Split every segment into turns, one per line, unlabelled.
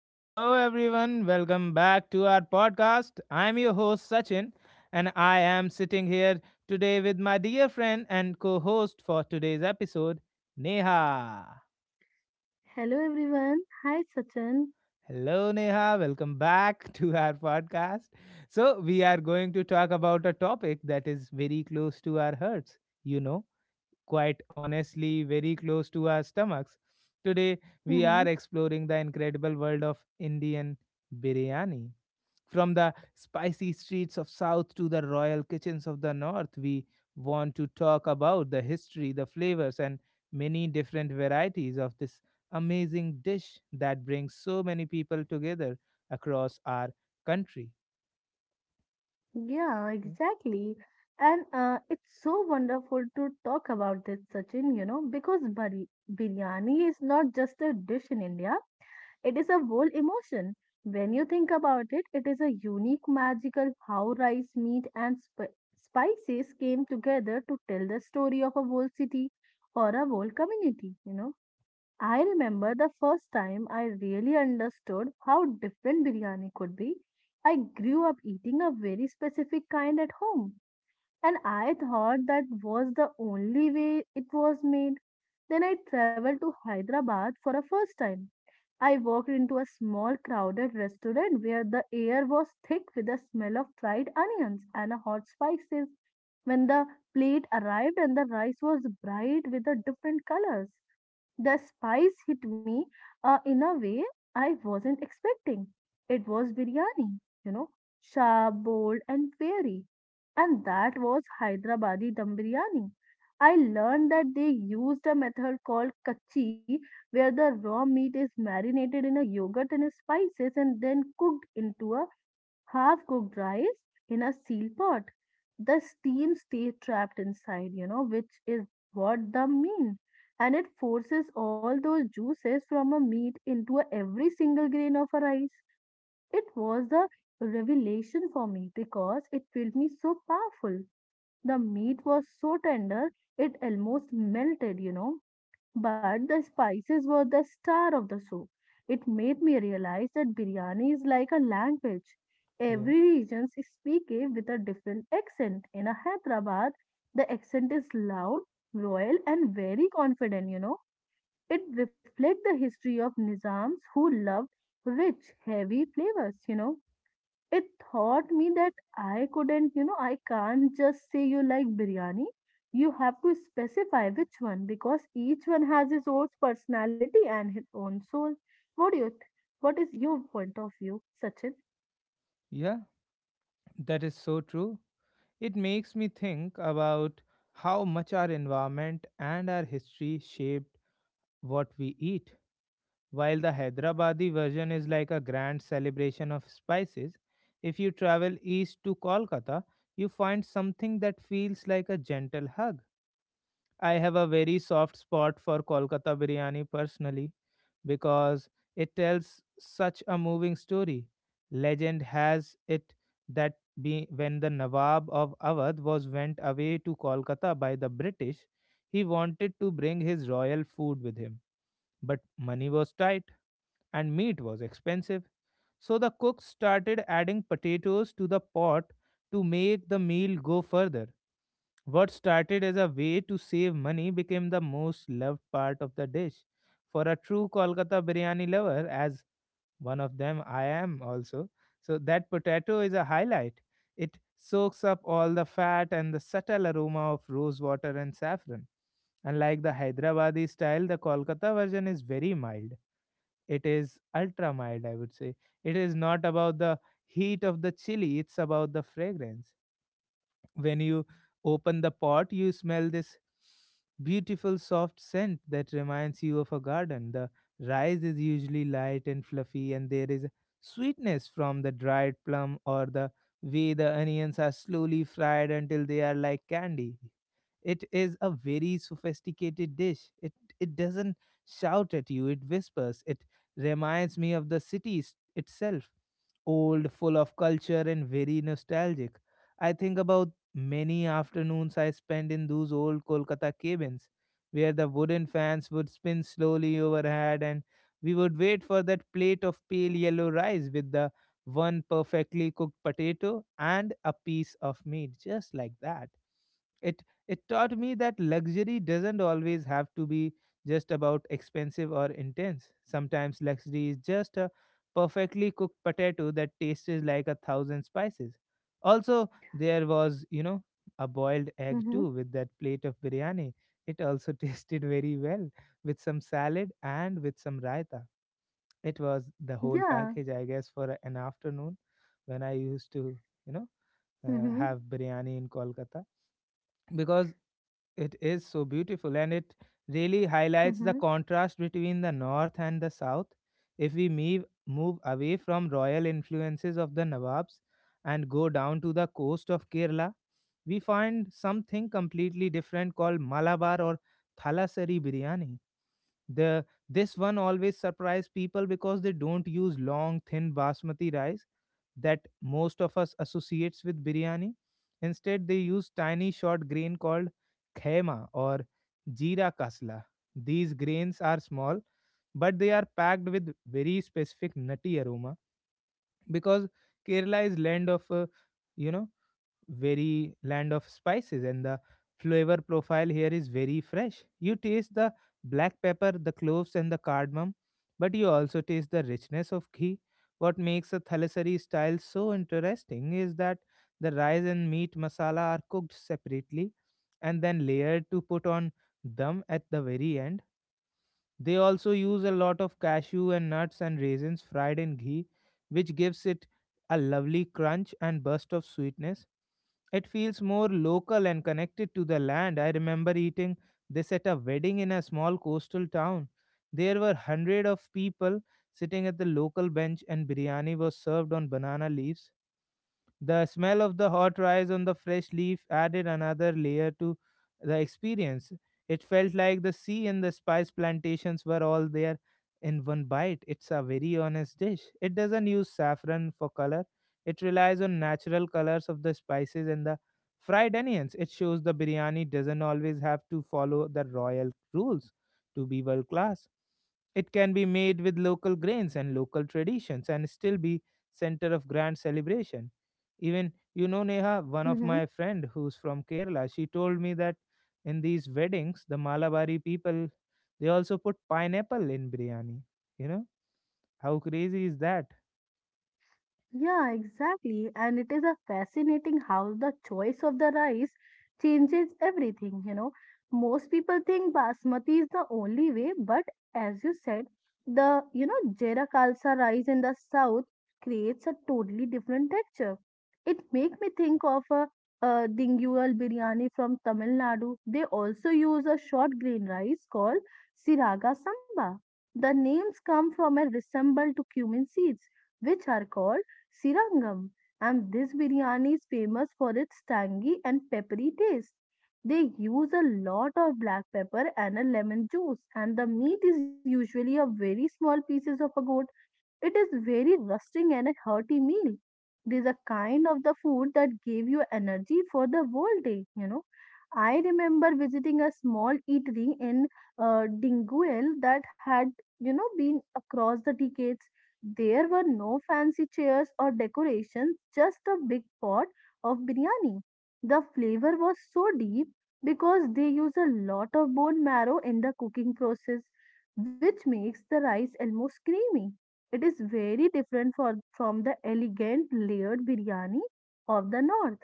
Hello, everyone. Welcome back to our podcast. I'm your host, Sachin, and I am sitting here today with my dear friend and co host for today's episode, Neha.
Hello everyone. Hi Sachin.
Hello, Neha. Welcome back to our podcast. So, we are going to talk about a topic that is very close to our hearts, you know, quite honestly, very close to our stomachs. Today, we
hmm
are exploring the incredible world of Indian biryani. From the spicy streets of South to the royal kitchens of the North, we want to talk about the history, the flavors, and many different varieties of this amazing dish that brings so many people together across our country.
Yeah,
Yeah,
exactly. And it's so wonderful to talk about this, Sachin, you know, because biryani is not just a dish in India, it is a whole emotion. When you think about it, it is a unique, magical how rice, meat, and spices came together to tell the story of a whole city or a whole community, you know. I remember the first time I really understood how different biryani could be. I grew up eating a very specific kind at home, and I thought that was the only way it was made. Then I traveled to Hyderabad for a first time. I walked into a small crowded restaurant where the air was thick with the smell of fried onions and hot spices. When the plate arrived and the rice was bright with the different colors, the spice hit me in a way I wasn't expecting. It was biryani, you know, sharp, bold, and fiery. And that was Hyderabadi dum biryani. I learned that they used a method called kachi, where the raw meat is marinated in a yogurt and spices and then cooked into a half cooked rice in a steel pot. The steam stays trapped inside, you know, which is what the mean. And it forces all those juices from a meat into a every single grain of a rice. It was the revelation for me because it felt me so powerful. The meat was so tender, it almost melted, you know, but the spices were the star of the show. It made me realize that biryani is like a language.
yeah,
Every region speaks it with a different accent. In a Hyderabad, the accent is loud, royal, and very confident, you know. It reflects the history of Nizams who loved rich, heavy flavors, you know it taught me that I couldn't, you know, I can't just say you like biryani. You have to specify which one because each one has its own personality and his own soul. What do you th- what is your point of view, Sachin?
yeah, that is so true. It makes me think about how much our environment and our history shaped what we eat. While the Hyderabadi version is like a grand celebration of spices, if you travel east to Kolkata, you find something that feels like a gentle hug. I have a very soft spot for Kolkata biryani personally because it tells such a moving story. Legend has it that when the Nawab of Awadh was went away to Kolkata by the British, he wanted to bring his royal food with him, but money was tight and meat was expensive. So the cook started adding potatoes to the pot to make the meal go further. What started as a way to save money became the most loved part of the dish. For a true Kolkata biryani lover, as one of them I am also, so that potato is a highlight. It soaks up all the fat and the subtle aroma of rose water and saffron. Unlike the Hyderabadi style, the Kolkata version is very mild. It is ultra mild, I would say. It is not about the heat of the chili, it's about the fragrance. When you open the pot, you smell this beautiful soft scent that reminds you of a garden. The rice is usually light and fluffy, and there is sweetness from the dried plum or the way the onions are slowly fried until they are like candy. It is a very sophisticated dish. It doesn't shout at you, it whispers. It reminds me of the city itself, old, full of culture, and very nostalgic. I think about many afternoons I spent in those old Kolkata cabins, where the wooden fans would spin slowly overhead, and we would wait for that plate of pale yellow rice with the one perfectly cooked potato and a piece of meat, just like that. It it taught me that luxury doesn't always have to be just about expensive or intense. Sometimes luxury is just a perfectly cooked potato that tasted like a thousand spices. Also, there was, a boiled egg
Mm-hmm.
too with that plate of biryani. It also tasted very well with some salad and with some raita. It was the whole
Yeah.
package, I guess, for an afternoon when I used to, you know,
Mm-hmm.
have biryani in Kolkata because it is so beautiful and it really highlights the
Mm-hmm.
contrast between the north and the south. If we move away from royal influences of the nawabs and go down to the coast of Kerala, we find something completely different called Malabar or Thalassery biryani. The this one always surprise people because they don't use long thin basmati rice that most of us associates with biryani. Instead, they use tiny short grain called khema or jeera kasla. These grains are small, but they are packed with very specific nutty aroma because Kerala is land of you know very land of spices, and the flavor profile here is very fresh. You taste the black pepper, the cloves, and the cardamom, but you also taste the richness of ghee. What makes a Thalassery style so interesting is that the rice and meat masala are cooked separately and then layered to put on dum at the very end. They also use a lot of cashew and nuts and raisins fried in ghee, which gives it a lovely crunch and burst of sweetness. It feels more local and connected to the land. I remember eating this at a wedding in a small coastal town. There were hundred of people sitting at the local bench, and biryani was served on banana leaves. The smell of the hot rice on the fresh leaf added another layer to the experience. It felt like the sea and the spice plantations were all there in one bite. It's a very honest dish. It doesn't use saffron for color, it relies on natural colors of the spices and the fried onions. It shows the biryani doesn't always have to follow the royal rules to be world class. It can be made with local grains and local traditions and still be center of grand celebration. Even, Neha, one of
Mm-hmm.
my friend who's from Kerala, she told me that in these weddings the Malabari people, they also put pineapple in biryani, you know how crazy is that?
Yeah, exactly. And it is a fascinating how the choice of the rice changes everything, you know. Most people think basmati is the only way, but as you said, the, you know, Jera Khalsa rice in the south creates a totally different texture. It make me think of a Dingual biryani from Tamil Nadu. They also use a short grain rice called Siraga Samba. The names come from a resemble to cumin seeds, which are called Sirangam, and this biryani is famous for its tangy and peppery taste. They use a lot of black pepper and a lemon juice, and the meat is usually a very small pieces of a goat. It is very rusting and a hearty meal. It is a kind of the food that gave you energy for the whole day, you know. I remember visiting a small eatery in Dinguel that had, you know, been across the decades. There were no fancy chairs or decorations, just a big pot of biryani. The flavor was so deep because they use a lot of bone marrow in the cooking process, which makes the rice almost creamy. It is very different from the elegant layered biryani of the north.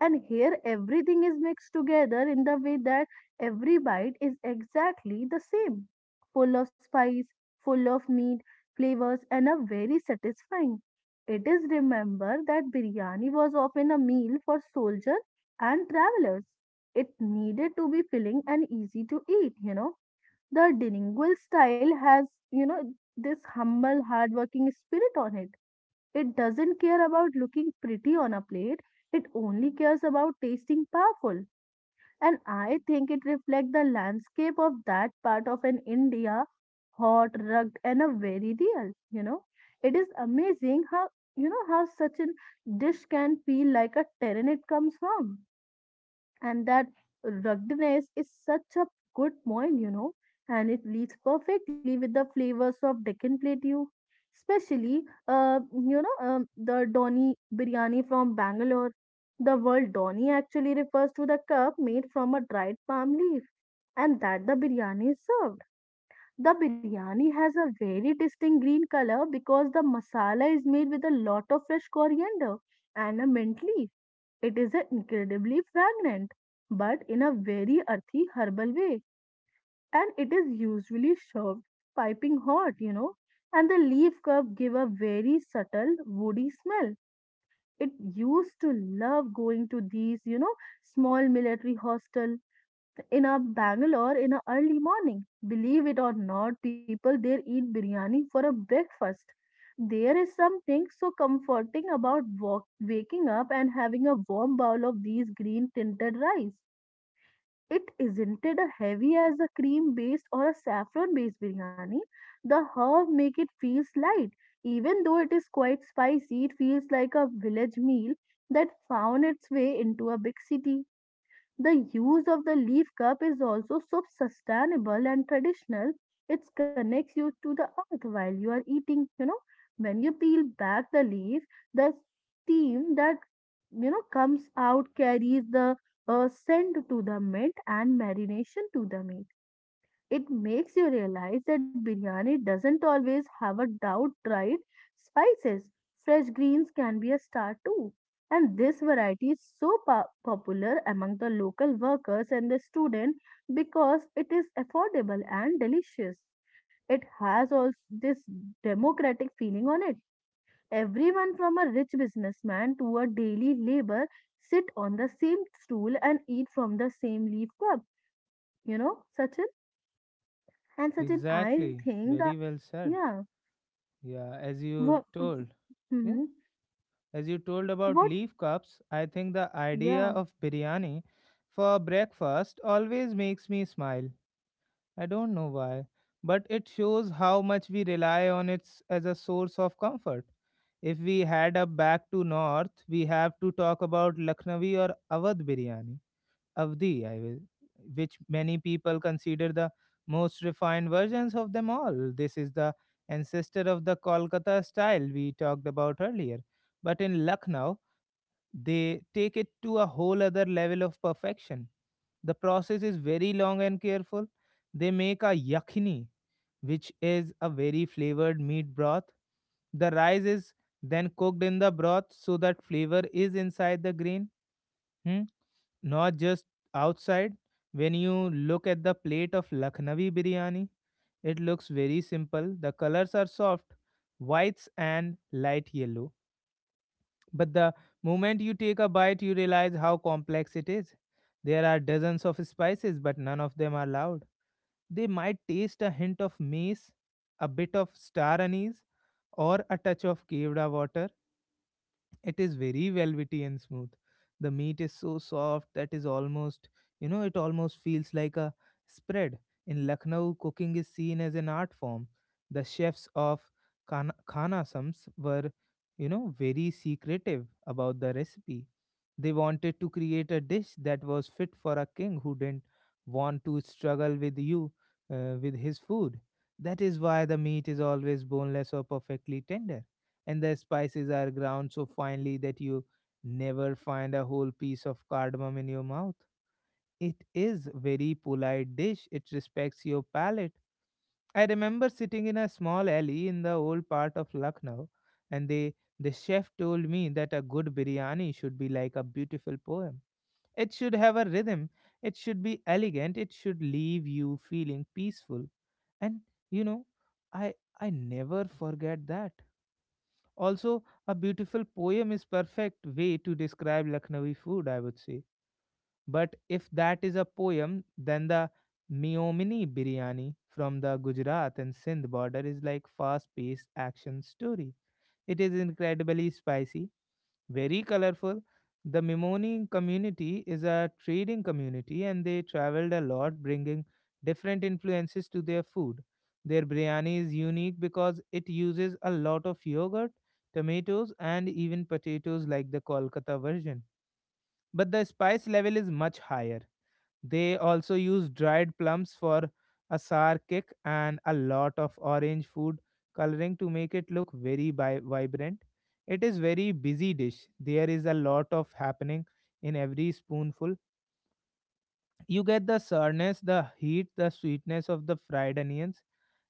And here everything is mixed together in the way that every bite is exactly the same, full of spice, full of meat, flavors, and a very satisfying. It is remember that biryani was often a meal for soldiers and travelers. It needed to be filling and easy to eat, you know the bilingual style has, you know, this humble hardworking spirit on it. It doesn't care about looking pretty on a plate, it only cares about tasting powerful. And I think it reflects the landscape of that part of an India, hot, rugged, and a very real, you know. It is amazing how, you know, how such a dish can feel like a terrain it comes from, and that ruggedness is such a good point, you know, and it leads perfectly with the flavors of Deccan Plateau, especially, uh, the Dhoni biryani from Bangalore. The word Dhoni actually refers to the cup made from a dried palm leaf, and that the biryani is served. The biryani has a very distinct green color because the masala is made with a lot of fresh coriander and a mint leaf. It is a incredibly fragrant, but in a very earthy herbal way, and it is usually served piping hot, you know. And the leaf curve give a very subtle woody smell. It used to love going to these, you know, small military hostel in a Bangalore in a early morning. Believe it or not, people there eat biryani for a breakfast. There is something so comforting about waking up and having a warm bowl of these green tinted rice. It isn't it a heavy as a cream based or a saffron based biryani. The herb make it feels light. Even though it is quite spicy, it feels like a village meal that found its way into a big city. The use of the leaf cup is also so sustainable and traditional. It connects you to the earth while you are eating. You know, when you peel back the leaf, the steam that, you know, comes out carries the scent to the mint and marination to the meat. It makes you realize that biryani doesn't always have a doubt, right? Spices, fresh greens can be a star too. And this variety is so popular among the local workers and the student because it is affordable and delicious. It has all this democratic feeling on it. Everyone from a rich businessman to a daily laborer sit on the same stool and eat from the same leaf cup. You know, Sachin? And Sachin, I
Exactly,
think, that
very well said.
yeah,
Yeah,
what,
yeah
hmm
as you told about
what,
leaf cups, I think the idea
yeah,
of biryani for breakfast always makes me smile. I don't know why, but it shows how much we rely on it as a source of comfort. If we head up back to north, we have to talk about Lucknowi or Awadh biryani, Avdi, I will, which many people consider the most refined versions of them all. This is the ancestor of the Kolkata style we talked about earlier. But in Lucknow, they take it to a whole other level of perfection. The process is very long and careful. They make a yakhini, which is a very flavored meat broth. The rice is then cooked in the broth so that flavor is inside the grain, hmm, not just outside. When you look at the plate of Lucknowi biryani, it looks very simple. The colors are soft, whites and light yellow. But the moment you take a bite, you realize how complex it is. There are dozens of spices, but none of them are loud. They might taste a hint of mace, a bit of star anise, or a touch of caved water. It is very velvety and smooth. The meat is so soft that is almost, it almost feels like a spread. In Lucknow, cooking is seen as an art form. The chefs of Khanasams were, very secretive about the recipe. They wanted to create a dish that was fit for a king who didn't want to struggle with you with his food. That is why the meat is always boneless or perfectly tender, and the spices are ground so finely that you never find a whole piece of cardamom in your mouth. It is very polite dish. It respects your palate. I remember sitting in a small alley in the old part of Lucknow, and the chef told me that a good biryani should be like a beautiful poem. It should have a rhythm. It should be elegant. It should leave you feeling peaceful. And, you know, I I never forget that. Also, a beautiful poem is perfect way to describe Lucknowi food, I would say. But if that is a poem, then the Miomini biryani from the Gujarat and Sindh border is like fast-paced action story. It is incredibly spicy, very colorful. The Mimoni community is a trading community and they traveled a lot, bringing different influences to their food. Their biryani is unique because it uses a lot of yogurt, tomatoes, and even potatoes like the Kolkata version. But the spice level is much higher. They also use dried plums for a sour kick and a lot of orange food coloring to make it look very vibrant. It is very busy dish. There is a lot of happening in every spoonful. You get the sourness, the heat, the sweetness of the fried onions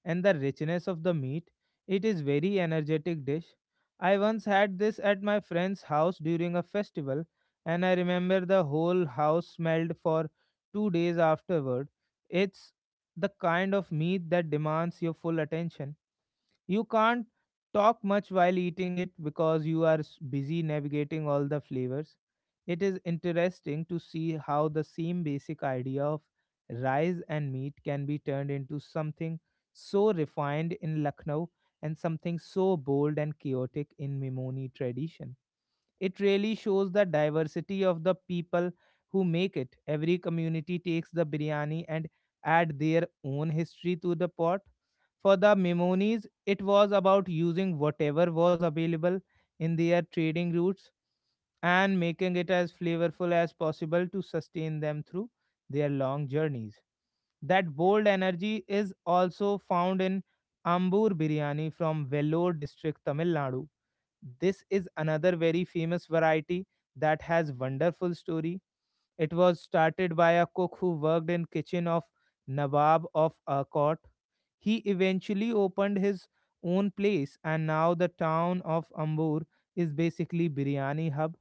and the richness of the meat. It is very energetic dish. I once had this at my friend's house during a festival and I remember the whole house smelled for 2 days afterward. It's the kind of meat that demands your full attention. You can't talk much while eating it because you are busy navigating all the flavors. It is interesting to see how the same basic idea of rice and meat can be turned into something so refined in Lucknow and something so bold and chaotic in Memoni tradition. It really shows the diversity of the people who make it. Every community takes the biryani and add their own history to the pot. For the Memonis, it was about using whatever was available in their trading routes and making it as flavorful as possible to sustain them through their long journeys. That bold energy is also found in Ambur biryani from Vellore district, Tamil Nadu. This is another very famous variety that has wonderful story. It was started by a cook who worked in kitchen of Nawab of Arcot. He eventually opened his own place, and now the town of Ambur is basically biryani hub.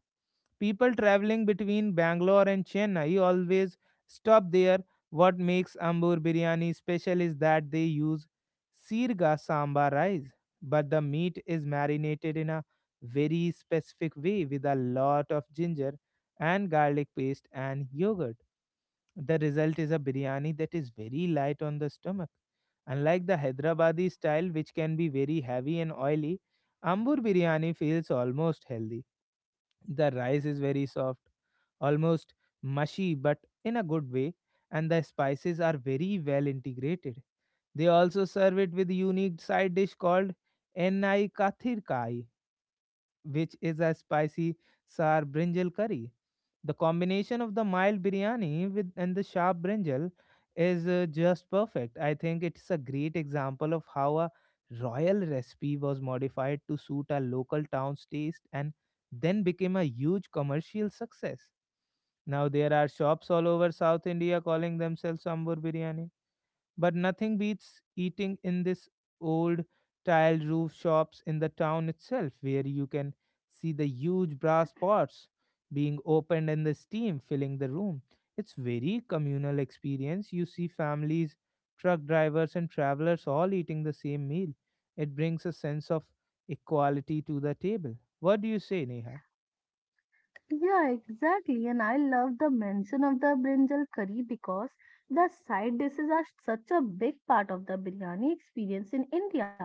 People traveling between Bangalore and Chennai always stop there. What makes Ambur biryani special is that they use sirga sambar rice, but the meat is marinated in a very specific way with a lot of ginger and garlic paste and yogurt. The result is a biryani that is very light on the stomach. Unlike the Hyderabadi style, which can be very heavy and oily, Ambur biryani feels almost healthy. The rice is very soft, almost mushy, but in a good way, and the spices are very well integrated. They also serve it with unique side dish called Enai Kathir Kai, which is a spicy sour brinjal curry. The combination of the mild biryani with and the sharp brinjal is just perfect. I think it's a great example of how a royal recipe was modified to suit a local town's taste and then became a huge commercial success. Now there are shops all over South India calling themselves Ambur Biryani, but nothing beats eating in this old tiled roof shops in the town itself, where you can see the huge brass pots being opened and the steam filling the room. It's very communal experience. You see families, truck drivers and travelers all eating the same meal. It brings a sense of equality to the table. What do you say, Neha?
yeah, exactly. And I love the mention of the brinjal curry because the side dishes are such a big part of the biryani experience in India.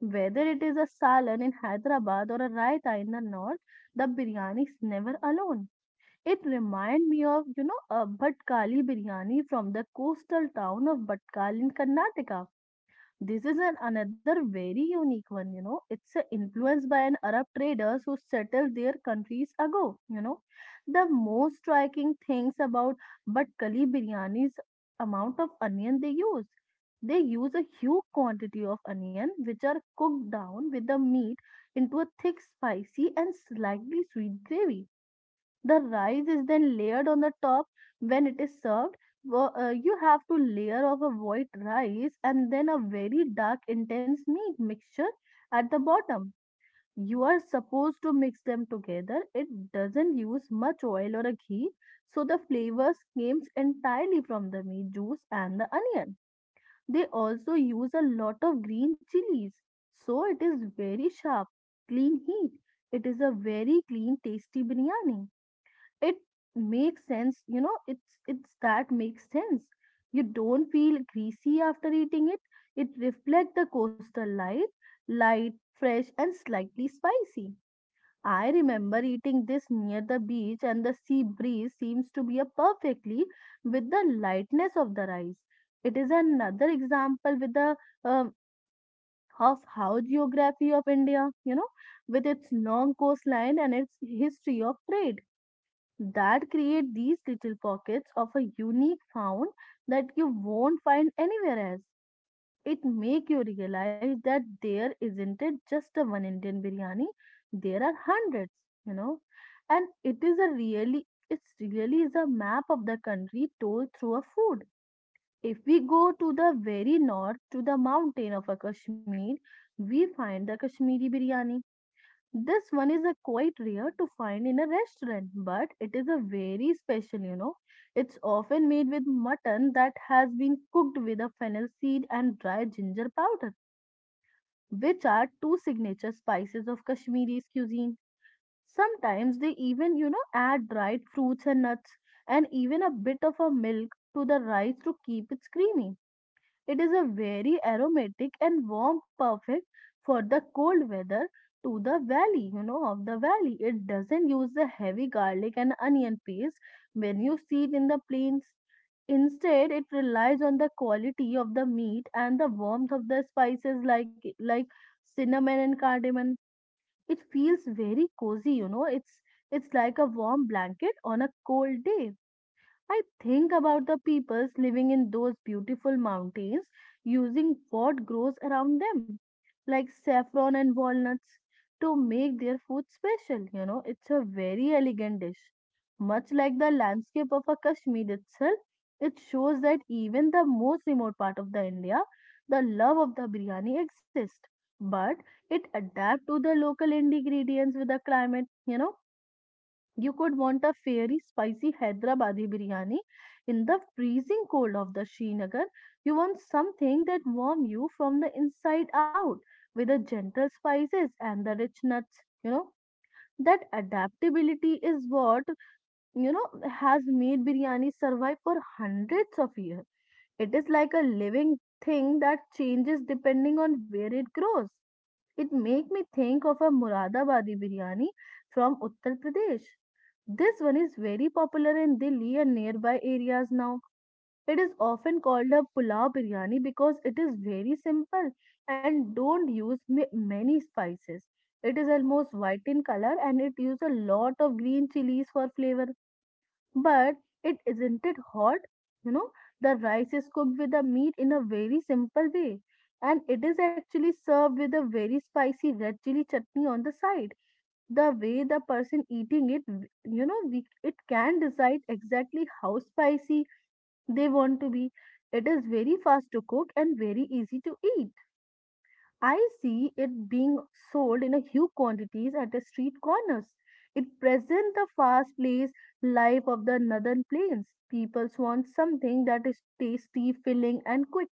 Whether it is a salad in Hyderabad or a raita in the north, the biryani is never alone. It reminds me of, you know, a Bhatkali biryani from the coastal town of Bhatkal in Karnataka. This is an another very unique one, you know. It's influenced by an Arab traders who settled their countries ago, you know. The most striking things about Batkali biryani is amount of onion they use. They use a huge quantity of onion which are cooked down with the meat into a thick, spicy and slightly sweet gravy. The rice is then layered on the top when it is served. You have to layer of a white rice and then a very dark intense meat mixture at the bottom. You are supposed to mix them together. It doesn't use much oil or a ghee, so the flavors comes entirely from the meat juice and the onion. They also use a lot of green chilies, so it is very sharp, clean heat. It is a very clean, tasty biryani. It makes sense, you know, it's that makes sense. You don't feel greasy after eating it. It reflects the coastal light, fresh and slightly spicy. I remember eating this near the beach and the sea breeze seems to be a perfectly with the lightness of the rice. It is another example with the um, of how geography of India, you know, with its long coastline and its history of trade, that create these little pockets of a unique sound that you won't find anywhere else. It make you realize that there isn't it just a one Indian biryani, there are hundreds, you know. And it is a really it's really is a map of the country told through a food. If we go to the very north to the mountain of a Kashmir, we find the Kashmiri biryani. This one is a quite rare to find in a restaurant, but it is a very special, you know. It's often made with mutton that has been cooked with a fennel seed and dried ginger powder, which are two signature spices of Kashmiri's cuisine. Sometimes they even, you know, add dried fruits and nuts and even a bit of a milk to the rice to keep it creamy. It is a very aromatic and warm, perfect for the cold weather to the valley, you know, of the valley. It doesn't use the heavy garlic and onion paste when you see it in the plains. Instead, it relies on the quality of the meat and the warmth of the spices like cinnamon and cardamom. It feels very cozy, you know. It's like a warm blanket on a cold day. I think about the peoples living in those beautiful mountains using what grows around them, like saffron and walnuts, to make their food special. You know, it's a very elegant dish. Much like the landscape of a Kashmir itself, it shows that even the most remote part of the India, the love of the biryani exists. But it adapts to the local ingredients with the climate, you know you could want a fiery, spicy Hyderabadi biryani in the freezing cold of the Srinagar. You want something that warms you from the inside out with the gentle spices and the rich nuts, you know. That adaptability is what, you know, has made biryani survive for hundreds of years. It is like a living thing that changes depending on where it grows. It make me think of a Muradabadi biryani from Uttar Pradesh. This one is very popular in Delhi and nearby areas now. It is often called a pulao biryani because it is very simple and don't use many spices. It is almost white in color and it uses a lot of green chilies for flavor but it isn't it hot? You know, the rice is cooked with the meat in a very simple way, and it is actually served with a very spicy red chili chutney on the side. The way the person eating it, you know, we, it can decide exactly how spicy they want to be. It is very fast to cook and very easy to eat. I see it being sold in a huge quantities at the street corners. It presents the fast-paced life of the northern plains. People want something that is tasty, filling, and quick.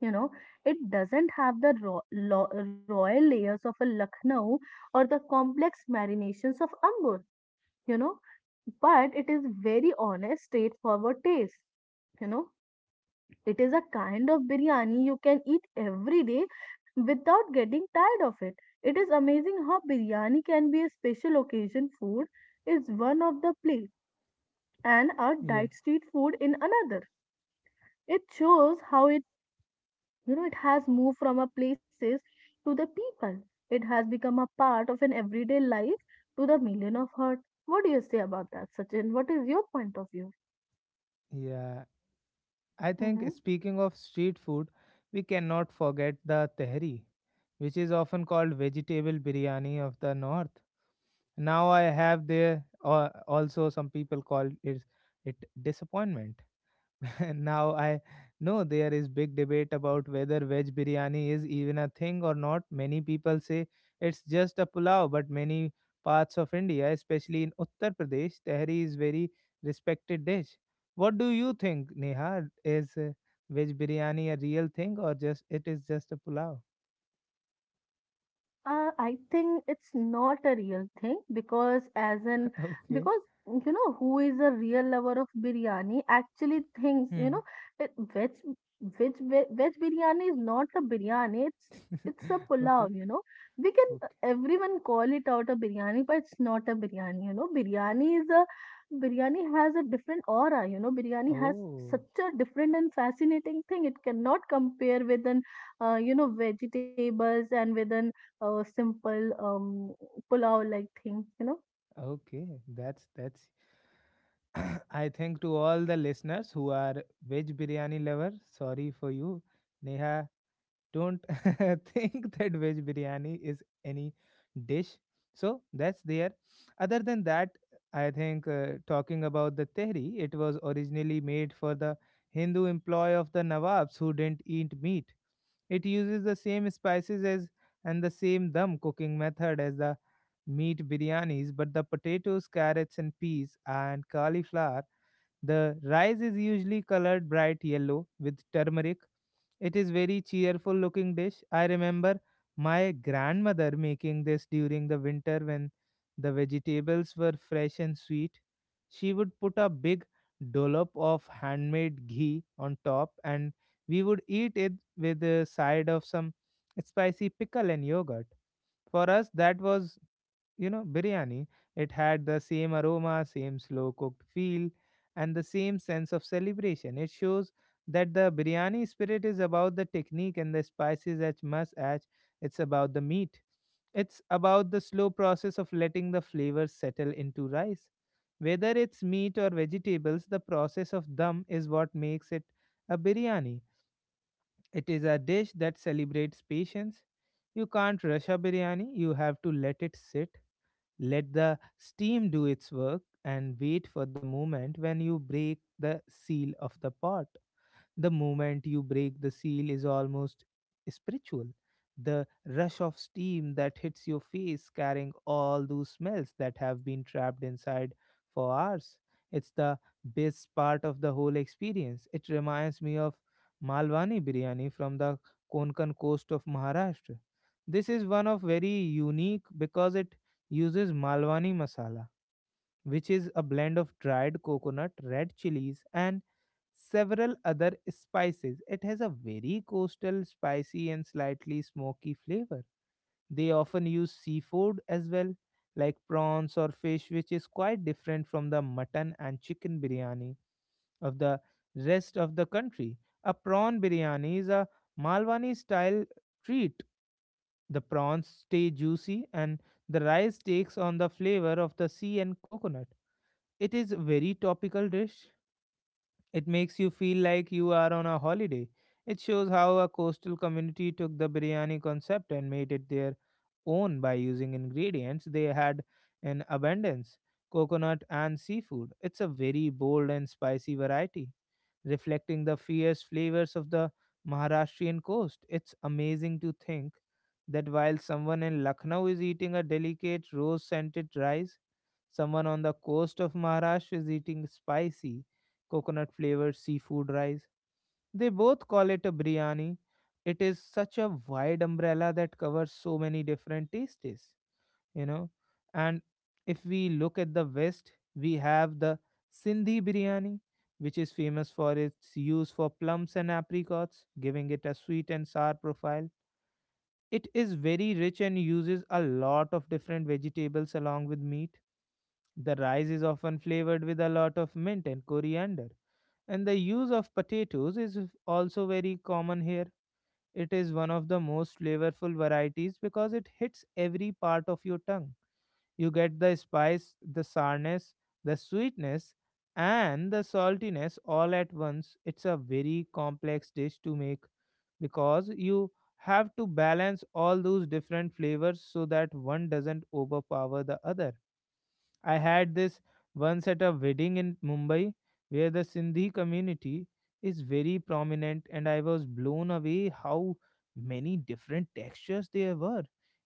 You know, it doesn't have the royal layers of a Lucknow or the complex marinations of Ambur. You know, but it is very honest, straightforward taste. You know, it is a kind of biryani you can eat every day without getting tired of it. It is amazing how biryani can be a special occasion food is one of the plate and a
Yeah.
diet street food in another. It shows how it you know it has moved from a places to the people. It has become a part of an everyday life to the million of heart. What do you say about that, Sachin? What is your point of view?
Yeah, I think
Mm-hmm.
speaking of street food, we cannot forget the tehri, which is often called vegetable biryani of the north. Now I have there also some people call it it disappointment. And now I know there is big debate about whether veg biryani is even a thing or not. Many people say it's just a pulao, but many parts of India, especially in Uttar Pradesh, tehri is very respected dish. What do you think, Neha? Is veg biryani a real thing or just it is just a pulao?
I think it's not a real thing because as an
Okay.
because you know who is a real lover of biryani actually thinks you know
Hmm.
it, veg biryani is not a biryani it's a pulao,
Okay.
you know, we can
Okay.
everyone call it out a biryani but it's not a biryani, you know, biryani is a biryani has a different aura, you know, biryani has
Oh.
such a different and fascinating thing it cannot compare with an you know vegetables and with an a simple pulao-like thing, you know.
Okay. That's I think to all the listeners who are veg biryani lovers, sorry for you. Neha, don't think that veg biryani is any dish. So that's there. Other than that, I think talking about the tehri, it was originally made for the Hindu employee of the Nawabs who didn't eat meat. It uses the same spices as and the same dum cooking method as the meat biryanis, but the potatoes, carrots, and peas and cauliflower, the rice is usually colored bright yellow with turmeric. It is very cheerful looking dish. I remember my grandmother making this during the winter when the vegetables were fresh and sweet. She would put a big dollop of handmade ghee on top, and we would eat it with a side of some spicy pickle and yogurt. For us, that was, you know, biryani. It had the same aroma, same slow cooked feel, and the same sense of celebration. It shows that the biryani spirit is about the technique and the spices as much as it's about the meat. It's about the slow process of letting the flavors settle into rice. Whether it's meat or vegetables, the process of dum is what makes it a biryani. It is a dish that celebrates patience. You can't rush a biryani, you have to let it sit, let the steam do its work and wait for the moment when you break the seal of the pot. The moment you break the seal is almost spiritual. The rush of steam that hits your face, carrying all those smells that have been trapped inside for hours. It's the best part of the whole experience. It reminds me of Malwani biryani from the Konkan coast of Maharashtra. This is one of very unique because it uses Malwani masala, which is a blend of dried coconut, red chilies, and several other spices. It has a very coastal, spicy, and slightly smoky flavor. They often use seafood as well, like prawns or fish, which is quite different from the mutton and chicken biryani of the rest of the country. A prawn biryani is a Malwani style treat. The prawns stay juicy and the rice takes on the flavor of the sea and coconut. It is very topical dish. It makes you feel like you are on a holiday. It shows how a coastal community took the biryani concept and made it their own by using ingredients they had in abundance, coconut and seafood. It's a very bold and spicy variety reflecting the fierce flavors of the Maharashtrian coast. It's amazing to think that while someone in Lucknow is eating a delicate rose scented rice, someone on the coast of Maharashtra is eating spicy coconut flavored seafood rice. They both call it a biryani. It is such a wide umbrella that covers so many different tastes, you know. And if we look at the west, we have the sindhi biryani, which is famous for its use for plums and apricots, giving it a sweet and sour profile. It is very rich and uses a lot of different vegetables along with meat. The rice is often flavored with a lot of mint and coriander, and the use of potatoes is also very common here. It is one of the most flavorful varieties because it hits every part of your tongue. You get the spice, the sourness, the sweetness, and the saltiness all at once. It's a very complex dish to make because you have to balance all those different flavors so that one doesn't overpower the other. I had this once at a wedding in Mumbai where the Sindhi community is very prominent, and I was blown away how many different textures there were.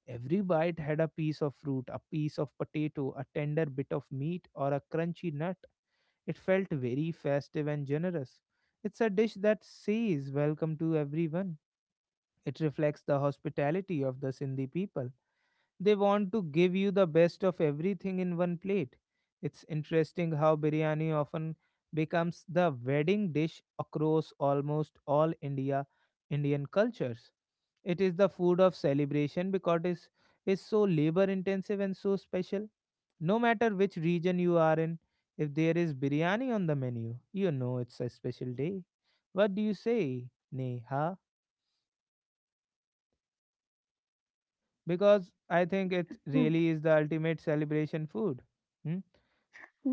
Every bite had a piece of fruit, a piece of potato, a tender bit of meat, or a crunchy nut. It felt very festive and generous. It's a dish that says welcome to everyone. It reflects the hospitality of the Sindhi people. They want to give you the best of everything in one plate. It's interesting how biryani often becomes the wedding dish across almost all India Indian cultures. It is the food of celebration because it is so labor intensive and so special. No matter which region you are in, if there is biryani on the menu, you know it's a special day. What do you say, Neha? Because I think it
Hmm.
really is the ultimate celebration food. Hmm?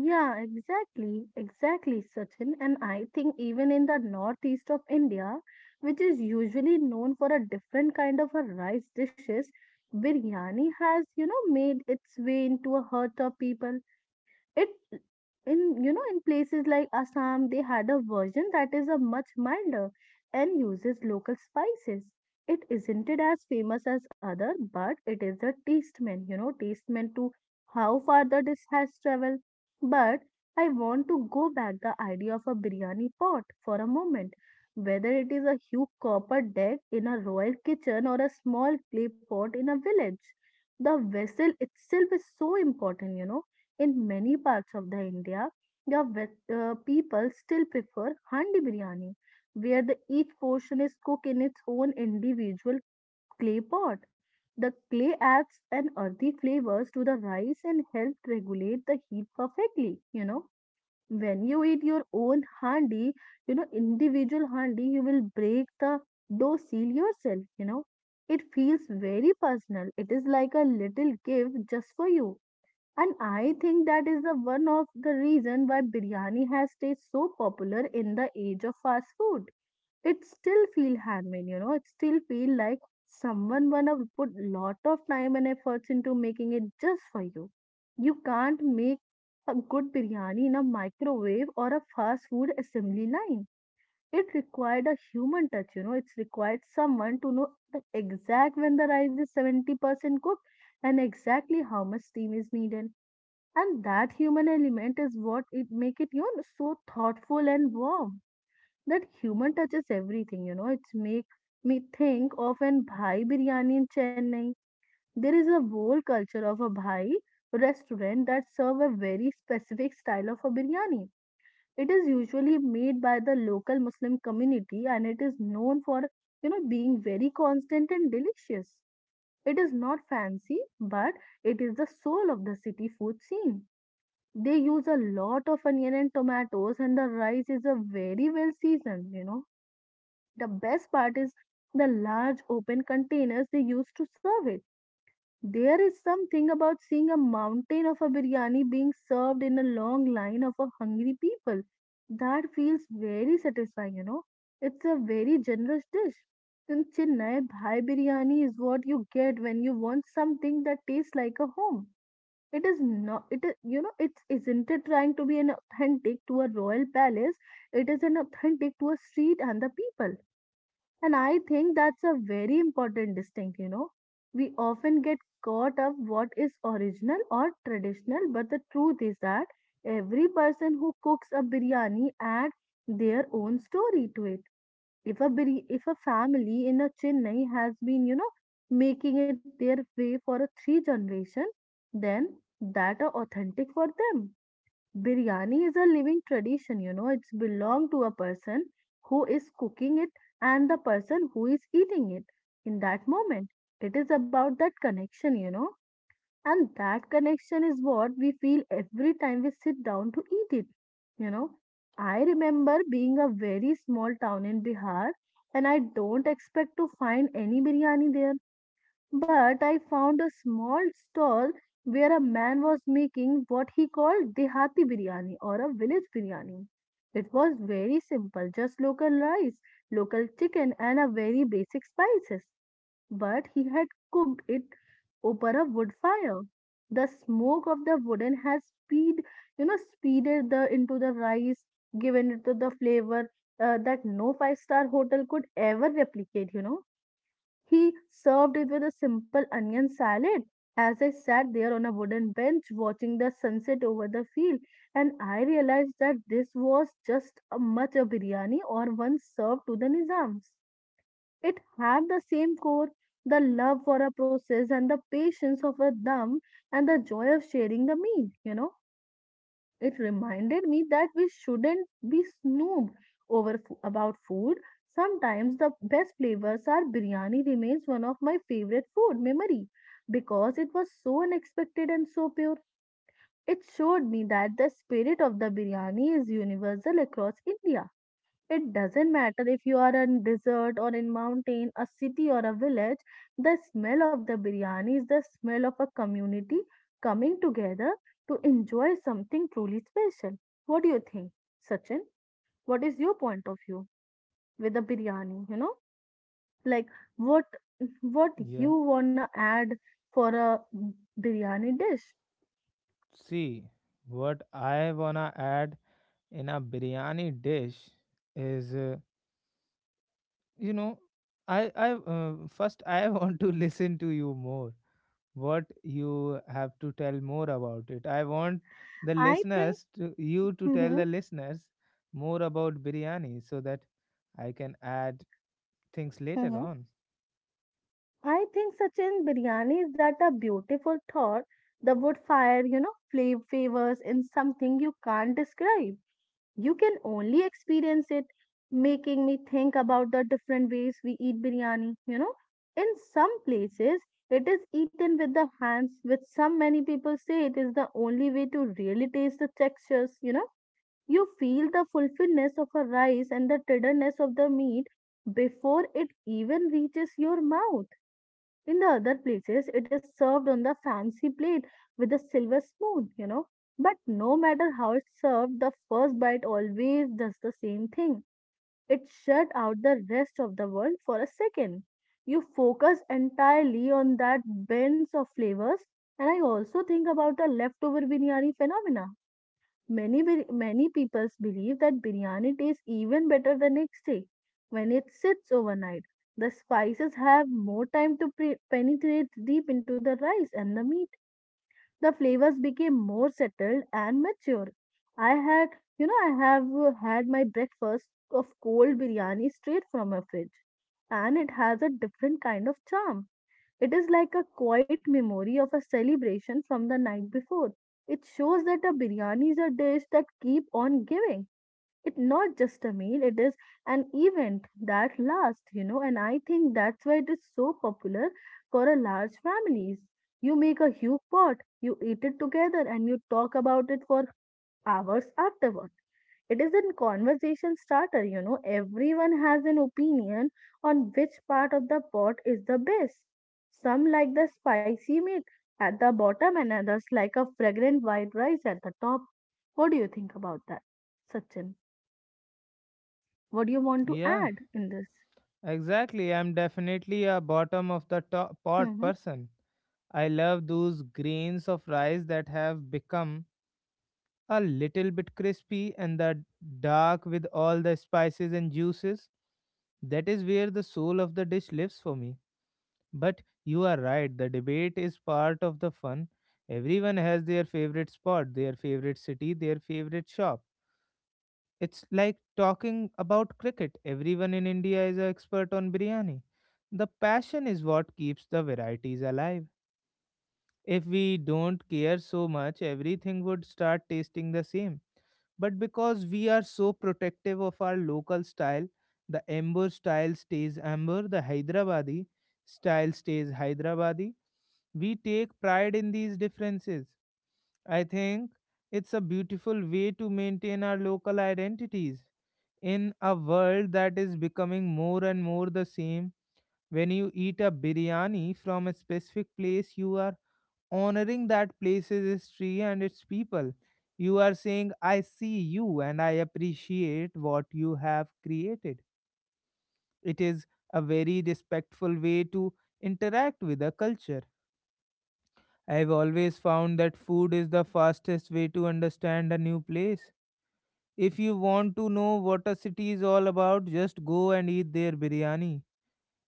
Yeah, exactly, exactly, Sachin. And I think even in the northeast of India, which is usually known for a different kind of a rice dishes, biryani has, you know, made its way into a heart of people. It in, you know, in places like Assam they had a version that is a much milder and uses local spices. It isn't it as famous as other, but it is a testament, you know, testament to how farther this has traveled. But I want to go back the idea of a biryani pot for a moment. Whether it is a huge copper deck in a royal kitchen or a small clay pot in a village, the vessel itself is so important, you know in many parts of the India, the people still prefer handi biryani, where the each portion is cooked in its own individual clay pot. The clay adds an earthy flavors to the rice and helps regulate the heat perfectly. You know, when you eat your own handi, you know individual handi, you will break the dough seal yourself. You know, it feels very personal. It is like a little gift just for you, and I think that is the one of the reason why biryani has stayed so popular in the age of fast food. It still feel handmade, you know. It still feel like someone wanna put lot of time and efforts into making it just for you. You can't make a good biryani in a microwave or a fast food assembly line. It required a human touch, you know. It's required someone to know the exact when the rice is 70% cooked and exactly how much steam is needed, and that human element is what it make it, you know, so thoughtful and warm. That human touches everything, you know, it's make me think of an bhai biryani in Chennai. There is a whole culture of a bhai restaurant that serve a very specific style of a biryani. It is usually made by the local Muslim community and it is known for, you know, being very constant and delicious. It is not fancy, but it is the soul of the city food scene. They use a lot of onion and tomatoes, and the rice is a very well seasoned, you know. The best part is the large open containers they use to serve it. There is something about seeing a mountain of a biryani being served in a long line of a hungry people. That feels very satisfying, you know. It's a very generous dish. In Chennai, Bhai biryani is what you get when you want something that tastes like a home. It is not, it is, you know, it's isn't it trying to be an authentic to a royal palace? It is an authentic to a street and the people. And I think that's a very important distinct, you know. We often get caught up what is original or traditional, but the truth is that every person who cooks a biryani add their own story to it. If a if a family in a Chennai has been, you know, making it their way for a 3 generation, then that are authentic for them. Biryani is a living tradition, you know. It's belong to a person who is cooking it and the person who is eating it in that moment. It is about that connection, you know. And that connection is what we feel every time we sit down to eat it. You know, I remember being a very small town in Bihar and I don't expect to find any biryani there. But I found a small stall where a man was making what he called Dehati biryani or a village biryani. It was very simple, just local rice, local chicken, and a very basic spices but he had cooked it over a wood fire. The smoke of the wooden has speed, you know, speeded the into the rice, given it to the flavor that no 5-star hotel could ever replicate. You know, he served it with a simple onion salad. As I sat there on a wooden bench watching the sunset over the field, and I realized that this was just a much a biryani or one served to the Nizams. It had the same core, the love for a process and the patience of a dumb and the joy of sharing the meal, you know. It reminded me that we shouldn't be snoop over about food. Sometimes the best flavors are biryani remains one of my favorite food memory because it was so unexpected and so pure. It showed me that the spirit of the biryani is universal across India. It doesn't matter if you are in desert or in mountain, a city or a village, the smell of the biryani is the smell of a community coming together to enjoy something truly special. What do you think, Sachin? What is your point of view with the biryani, you know? Like what what
Yeah.
you wanna add for a biryani dish?
See, what I wanna add in a biryani dish is, you know, I first I want to listen to you more. What you have to tell more about it. I want the
I think
listeners to you to tell
mm-hmm,
the listeners more about biryani so that I can add things later on.
I think Sachin biryani is that a beautiful thought. The wood fire, you know, flavor favors in something you can't describe. You can only experience it, making me think about the different ways we eat biryani. You know, in some places it is eaten with the hands, which some many people say it is the only way to really taste the textures. You know, you feel the fulfillness of a rice and the tenderness of the meat before it even reaches your mouth in the other places, it is served on the fancy plate with a silver spoon, you know. But no matter how it's served, the first bite always does the same thing. It shut out the rest of the world for a second. You focus entirely on that blend of flavors, and I also think about the leftover biryani phenomena. Many many peoples believe that biryani tastes even better the next day when it sits overnight. The spices have more time to penetrate deep into the rice and the meat. The flavors became more settled and mature. I had, you know, I have had my breakfast of cold biryani straight from a fridge, and it has a different kind of charm. It is like a quiet memory of a celebration from the night before. It shows that a biryani is a dish that keep on giving. It's not just a meal, it is an event that lasts, and I think that's why it is so popular for a large families. You make a huge pot, you eat it together and you talk about it for hours afterward. It is a conversation starter. Everyone has an opinion on which part of the pot is the best. Some like the spicy meat at the bottom, and others like a fragrant white rice at the top. What do you think about that, Sachin? What do you want to
Yeah,
add in this?
exactly. I'm definitely a bottom of the top pot
Mm-hmm.
person. I love those grains of rice that have become a little bit crispy and the dark with all the spices and juices. That is where the soul of the dish lives for me. But you are right, the debate is part of the fun. Everyone has their favorite spot, their favorite city, their favorite shop. It's like talking about cricket. Everyone in India is an expert on biryani. The passion is what keeps the varieties alive. If we don't care so much, everything would start tasting the same. But because we are so protective of our local style, the Amber style stays Amber, the Hyderabadi style stays Hyderabadi. We take pride in these differences. I think it's a beautiful way to maintain our local identities in a world that is becoming more and more the same. When you eat a biryani from a specific place, you are honoring that place's history and its people. You are saying, I see you and I appreciate what you have created. It is a very respectful way to interact with a culture. I have always found that food is the fastest way to understand a new place. If you want to know what a city is all about, just go and eat their biryani.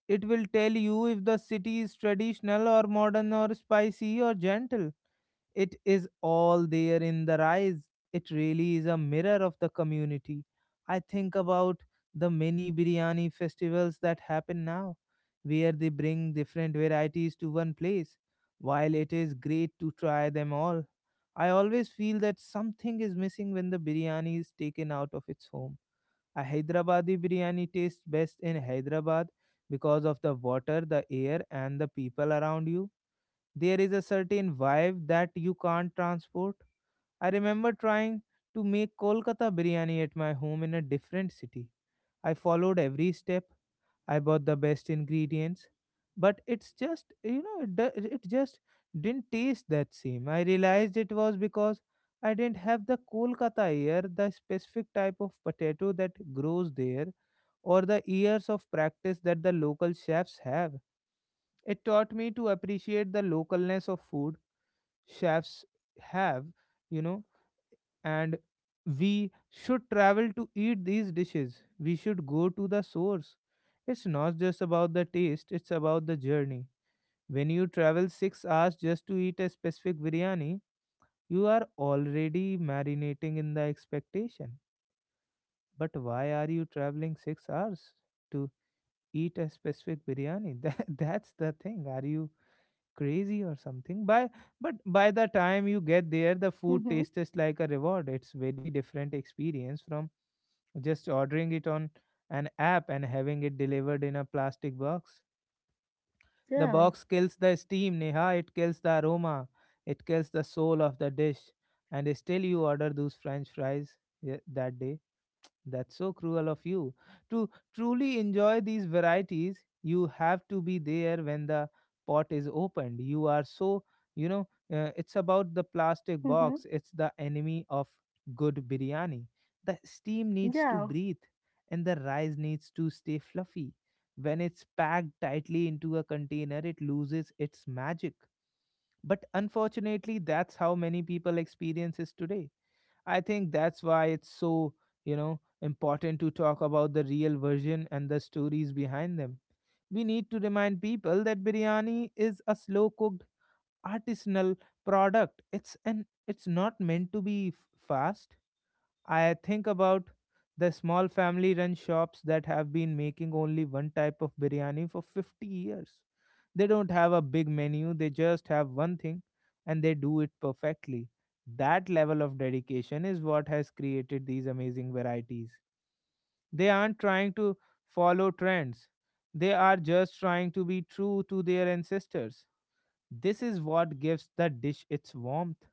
It will tell you if the city is traditional or modern or spicy or gentle. It is all there in the rise. It really is a mirror of the community. I think about the many biryani festivals that happen now, where they bring different varieties to one place. While it is great to try them all, I always feel that something is missing when the biryani is taken out of its home. A Hyderabadi biryani tastes best in Hyderabad because of the water, the air, and the people around you. There is a certain vibe that you can't transport. I remember trying to make Kolkata biryani at my home in a different city. I followed every step. I bought the best ingredients, but it's just it just didn't taste that same. I realized it was because I didn't have the Kolkata ear, the specific type of potato that grows there, or the years of practice that the local chefs have. It taught me to appreciate the localness of food chefs have, you know, and we should travel to eat these dishes. We should go to the source. It's not just about the taste, it's about the journey. When you travel 6 hours just to eat a specific biryani, you are already marinating in the expectation. But why are you traveling 6 hours to eat a specific biryani? That's the thing. Are you crazy or something? By but by the time you get there, the food
Mm-hmm.
tastes like a reward. It's very different experience from just ordering it on an app and having it delivered in a plastic box. The
Yeah.
box kills the steam, Neha. It kills the aroma, it kills the soul of the dish. And still you order those french fries. Yeah, that day, that's so cruel of you. To truly enjoy these varieties, you have to be there when the pot is opened. You are so, you know, it's about the plastic
Mm-hmm.
box, it's the enemy of good biryani. The steam needs
Yeah.
to breathe, and the rice needs to stay fluffy. When it's packed tightly into a container, it loses its magic. But unfortunately, that's how many people experiences today. I think that's why it's so important to talk about the real version and the stories behind them. We need to remind people that biryani is a slow cooked artisanal product. It's not meant to be fast. I think about the small family run shops that have been making only one type of biryani for 50 years. They don't have a big menu, they just have one thing, and they do it perfectly. That level of dedication is what has created these amazing varieties. They aren't trying to follow trends, they are just trying to be true to their ancestors. This is what gives the dish its warmth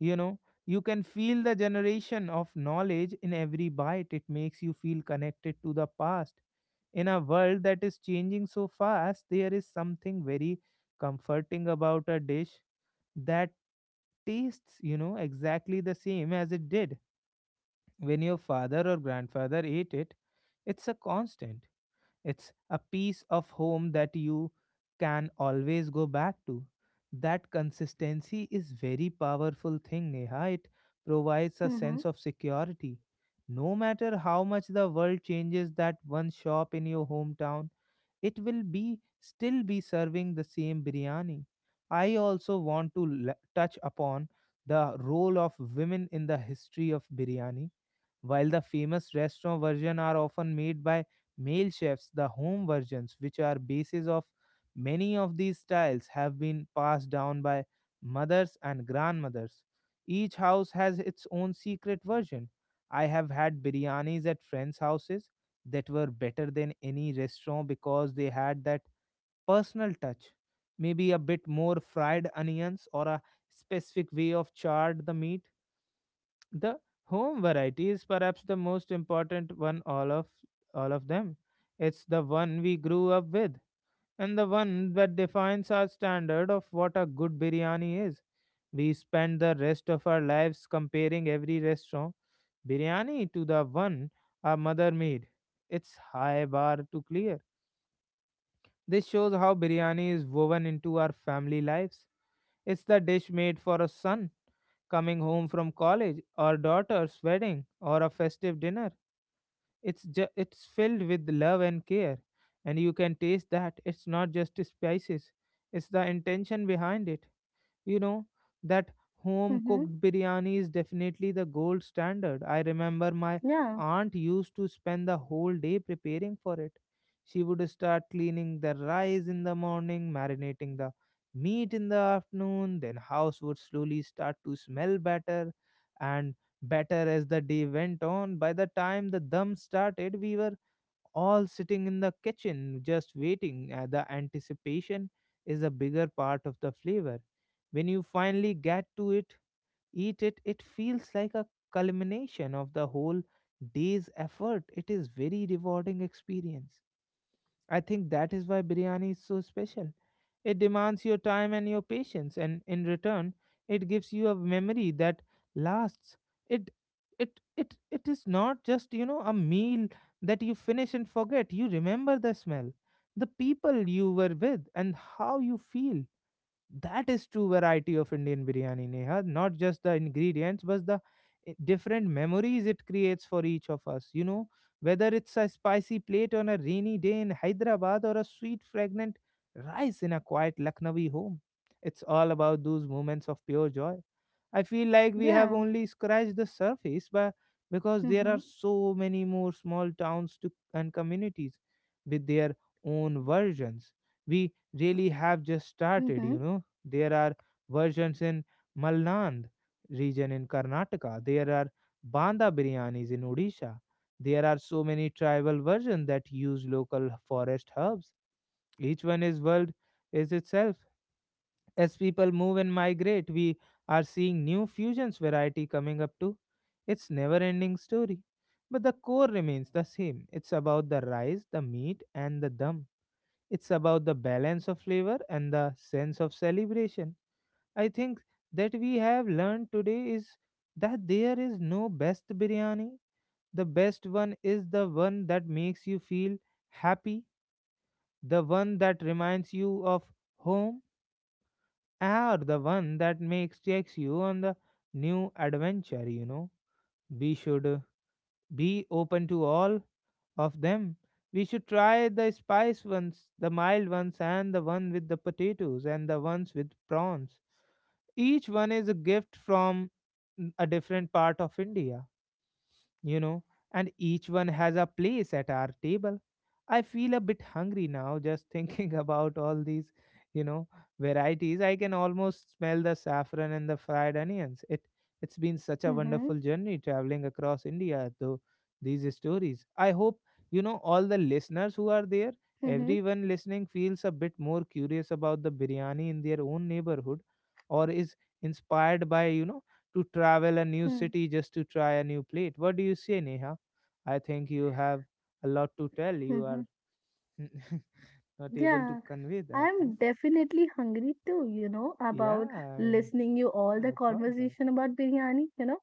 you know you can feel the generation of knowledge in every bite. It makes you feel connected to the past. In a world that is changing so fast, there is something very comforting about a dish that tastes exactly the same as it did when your father or grandfather ate it. It's a constant. It's a piece of home that you can always go back to. That consistency is very powerful thing, Neha. It provides a
Mm-hmm.
sense of security. No matter how much the world changes, that one shop in your hometown, it will be still be serving the same biryani. I also want to touch upon the role of women in the history of biryani, while the famous restaurant version are often made by male chefs. The home versions, which are basis of many of these styles, have been passed down by mothers and grandmothers. Each house has its own secret version. I have had biryanis at friends' houses that were better than any restaurant because they had that personal touch. Maybe a bit more fried onions or a specific way of charred the meat. The home variety is perhaps the most important one, all of them. It's the one we grew up with, and the one that defines our standard of what a good biryani is. We spend the rest of our lives comparing every restaurant biryani to the one our mother made. It's high bar to clear. This shows how biryani is woven into our family lives. It's the dish made for a son coming home from college, or daughter's wedding, or a festive dinner. It's filled with love and care, and you can taste that. It's not just spices; it's the intention behind it. You know that home
Mm-hmm.
cooked biryani is definitely the gold standard. I remember my
Yeah.
aunt used to spend the whole day preparing for it. She would start cleaning the rice in the morning, marinating the meat in the afternoon. Then house would slowly start to smell better and better as the day went on. By the time the dum started, we were all sitting in the kitchen just waiting. The anticipation is a bigger part of the flavor. When you finally get to it, eat it, it feels like a culmination of the whole day's effort. It is very rewarding experience. I think that is why biryani is so special. It demands your time and your patience, and in return, it gives you a memory that lasts. It, it is not just a meal that you finish and forget. You remember the smell, the people you were with, and how you feel. That is true variety of Indian biryani, Neha. Not just the ingredients, but the different memories it creates for each of us. You know, whether it's a spicy plate on a rainy day in Hyderabad or a sweet, fragrant rice in a quiet Lucknowi home. It's all about those moments of pure joy. I feel like we have
Yeah.
only scratched the surface, but because there are
Mm-hmm.
so many more small towns to, and communities with their own versions. We really have just started,
Mm-hmm.
you know. There are versions in Malnad region in Karnataka. There are Banda biryanis in Odisha. There are so many tribal versions that use local forest herbs. Each one is world is itself. As people move and migrate, we are seeing new fusions variety coming up too. It's never ending story. But the core remains the same. It's about the rice, the meat, and the dum. It's about the balance of flavor and the sense of celebration. I think that we have learned today is that there is no best biryani. The best one is the one that makes you feel happy, the one that reminds you of home, are the one that makes takes you on the new adventure, you know. We should be open to all of them. We should try the spice ones, the mild ones, and the one with the potatoes, and the ones with prawns. Each one is a gift from a different part of India, you know, and each one has a place at our table. I feel a bit hungry now just thinking about all these, you know, varieties. I can almost smell the saffron and the fried onions. It's been such a
Mm-hmm.
wonderful journey traveling across India though these stories. I hope, all the listeners who are there,
Mm-hmm.
everyone listening feels a bit more curious about the biryani in their own neighborhood or is inspired by, to travel a new
Mm-hmm.
city just to try a new plate. What do you say, Neha? I think you have a lot to tell. You
Mm-hmm.
are not able to
Yeah,
convey that. Eh?
I'm definitely hungry too,
Yeah,
about
I,
listening you all the
I thought that.
conversation about biryani.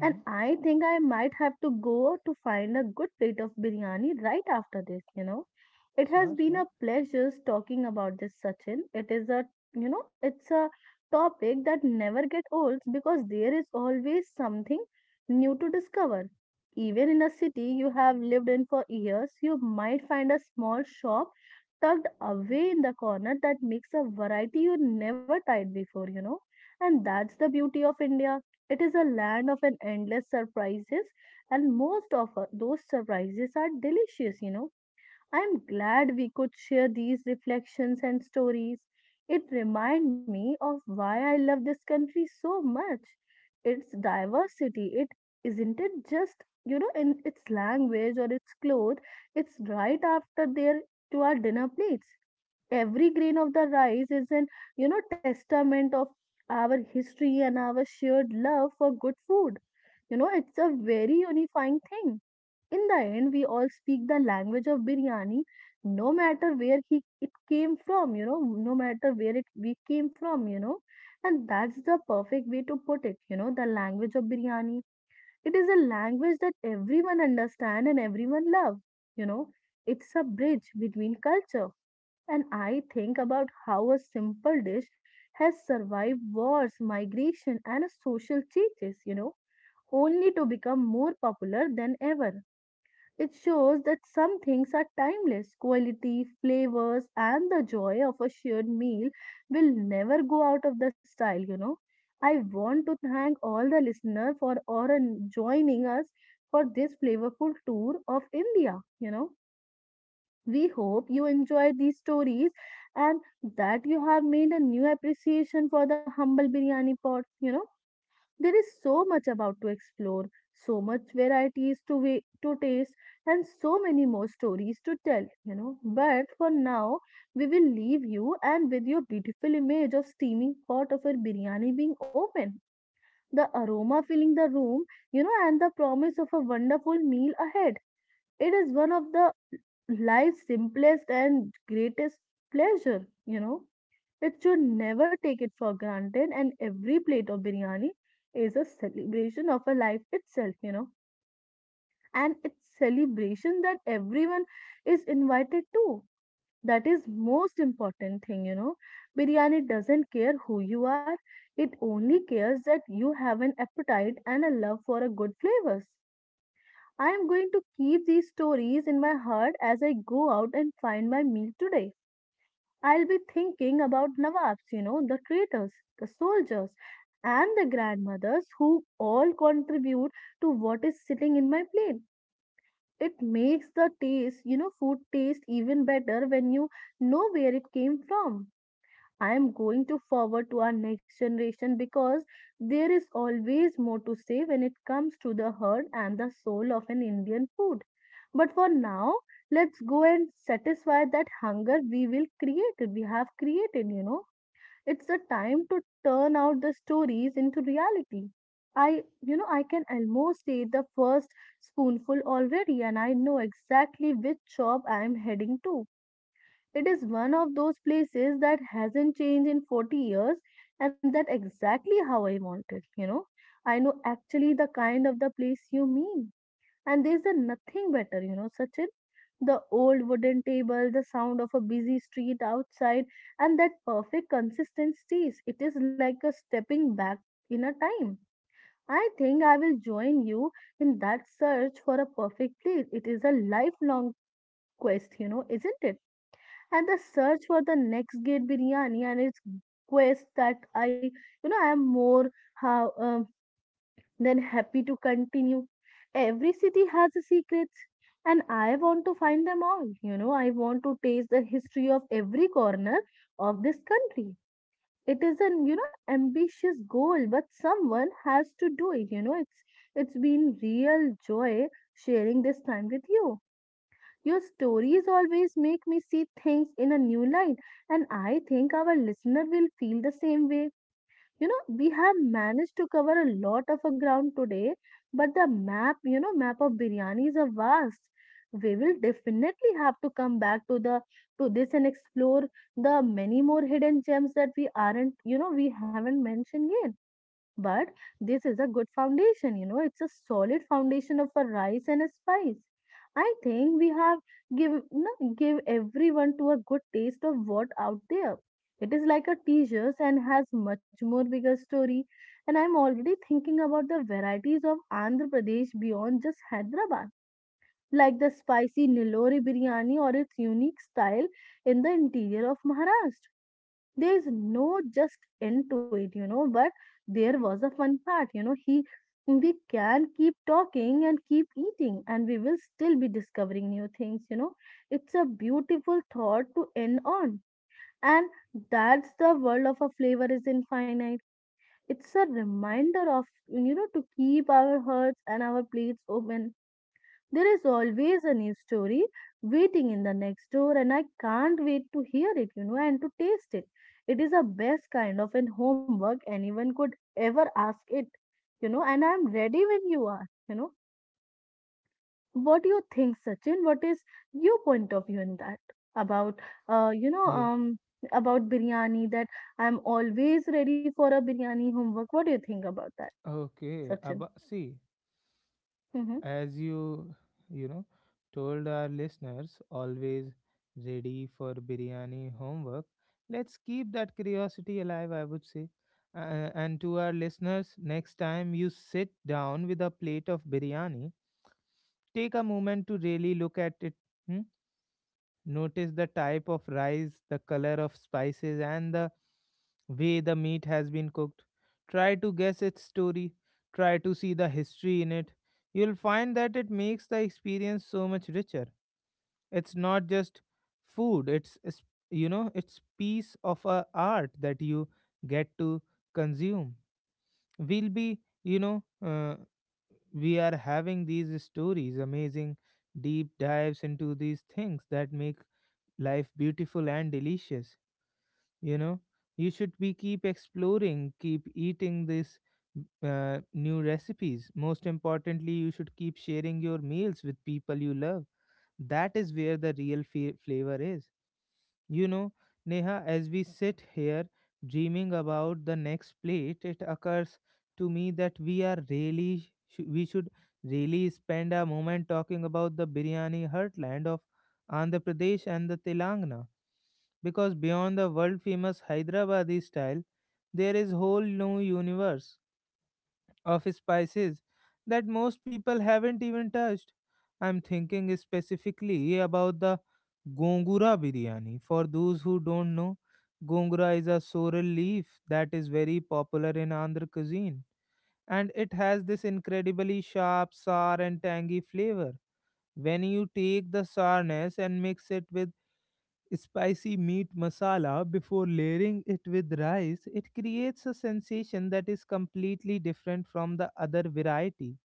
And I think I might have to go to find a good plate of biryani right after this. It has
Sure,
been
sure.
a pleasure talking about this, Sachin. It is a, it's a topic that never gets old because there is always something new to discover. Even in a city you have lived in for years, you might find a small shop tucked away in the corner that makes a variety you never tried before. And that's the beauty of India, it is a land of an endless surprises, and most of those surprises are delicious. I am glad we could share these reflections and stories. It remind me of why I love this country so much. Its diversity, it isn't it just, in its language or its clothes, it's right after there to our dinner plates. Every grain of the rice is an testament of our history and our shared love for good food. It's a very unifying thing. In the end we all speak the language of biryani, no matter where he it came from. No matter where it we came from. And that's the perfect way to put it, the language of biryani. It is a language that everyone understand and everyone love you know it's a bridge between culture, and I think about how a simple dish has survived wars, migration, and a social changes, only to become more popular than ever. It shows that some things are timeless. Quality, flavors, and the joy of a shared meal will never go out of the style. I want to thank all the listeners for or joining us for this flavorful tour of India. We hope you enjoyed these stories and that you have made a new appreciation for the humble biryani pot. You know, there is so much about to explore, so much varieties to wait, to taste, and so many more stories to tell. But for now, we will leave you and with your beautiful image of steaming pot of a biryani being open, the aroma filling the room, and the promise of a wonderful meal ahead. It is one of the life's simplest and greatest pleasure. It should never take it for granted, and every plate of biryani is a celebration of a life itself. And it's celebration that everyone is invited to. That is most important thing. Biryani doesn't care who you are. It only cares that you have an appetite and a love for a good flavors. I am going to keep these stories in my heart as I go out and find my meal today. I'll be thinking about Nawabs, the traitors, the soldiers, and the grandmothers who all contribute to what is sitting in my plate. It makes the taste, food taste even better when you know where it came from. I am going to forward to our next generation because there is always more to say when it comes to the heart and the soul of an Indian food. But for now, let's go and satisfy that hunger we have created. It's the time to turn out the stories into reality. I can almost taste the first spoonful already, and I know exactly which shop I am heading to. It is one of those places that hasn't changed in 40 years, and that exactly how I want it. I know actually the kind of the place you mean. And there's a nothing better, Sachin. The old wooden table, the sound of a busy street outside, and that perfect consistent taste. It is like a stepping back in a time. I think I will join you in that search for a perfect place. It is a lifelong quest, isn't it? And the search for the next gate biryani and its quest that I am more how then happy to continue. Every city has a secrets, and I want to find them all. You know, I want to taste the history of every corner of this country. It is an ambitious goal, but someone has to do it. You know, it's been real joy sharing this time with you. Your stories always make me see things in a new light, and I think our listener will feel the same way. We have managed to cover a lot of a ground today, but the map, map of biryani is a vast. We will definitely have to come back to the to this and explore the many more hidden gems that we aren't, we haven't mentioned yet. But this is a good foundation, it's a solid foundation of a rice and a spice. I think we have give no, give everyone to a good taste of what out there. It is like a teasers and has much more bigger story. And I'm already thinking about the varieties of Andhra Pradesh beyond just Hyderabad, like the spicy Nilori biryani or its unique style in the interior of Maharashtra. There's no just end to it, but there was a fun part you know he We can keep talking and keep eating and we will still be discovering new things. It's a beautiful thought to end on, and that's the world of a flavor is infinite. It's a reminder of, to keep our hearts and our plates open. There is always a new story waiting in the next door, and I can't wait to hear it, and to taste it. It is the best kind of an homework anyone could ever ask it, and I am ready when you are, What do you think, Sachin? What is your point of view in that? About, uh, you know,
Yeah.
um, about biryani, that I'm always ready for a biryani homework. What do you think about that,
Okay.
Sachin?
About see.
Mm-hmm.
As you you know told our listeners, always ready for biryani homework. Let's keep that curiosity alive, I would say. And to our listeners, next time you sit down with a plate of biryani, take a moment to really look at it. Hmm? Notice the type of rice, the color of spices, and the way the meat has been cooked. Try to guess its story. Try to see the history in it. You'll find that it makes the experience so much richer. It's not just food, it's piece of a art that you get to consume. We'll be, you know, we are having these stories, amazing deep dives into these things that make life beautiful and delicious you know you should be keep exploring, keep eating this new recipes. Most importantly, you should keep sharing your meals with people you love. That is where the real flavor is, you know. Neha, as we sit here dreaming about the next plate, it occurs to me that we should really spend a moment talking about the biryani heartland of Andhra Pradesh and the Telangana. Because beyond the world famous Hyderabadi style, there is whole new universe of spices that most people haven't even touched. I'm thinking specifically about the Gongura biryani. For those who don't know, Gongura is a sorrel leaf that is very popular in Andhra cuisine, and it has this incredibly sharp, sour, and tangy flavor. When you take the sourness and mix it with spicy meat masala before layering it with rice, it creates a sensation that is completely different from the other variety.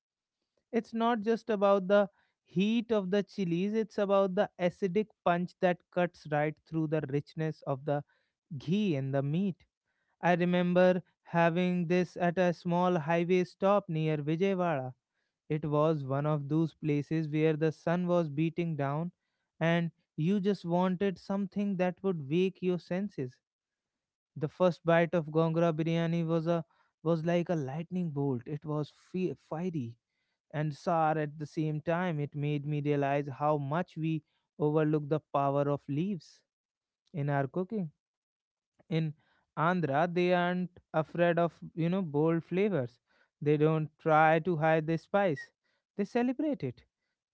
It's not just about the heat of the chilies, it's about the acidic punch that cuts right through the richness of the ghee and the meat. I remember having this at a small highway stop near Vijayawada. It was one of those places where the sun was beating down and you just wanted something that would wake your senses. The first bite of Gongora biryani was like a lightning bolt. It was fiery and sour at the same time. It made me realize how much we overlook the power of leaves in our cooking. In Andhra, they aren't afraid of, bold flavors. They don't try to hide the spice. They celebrate it.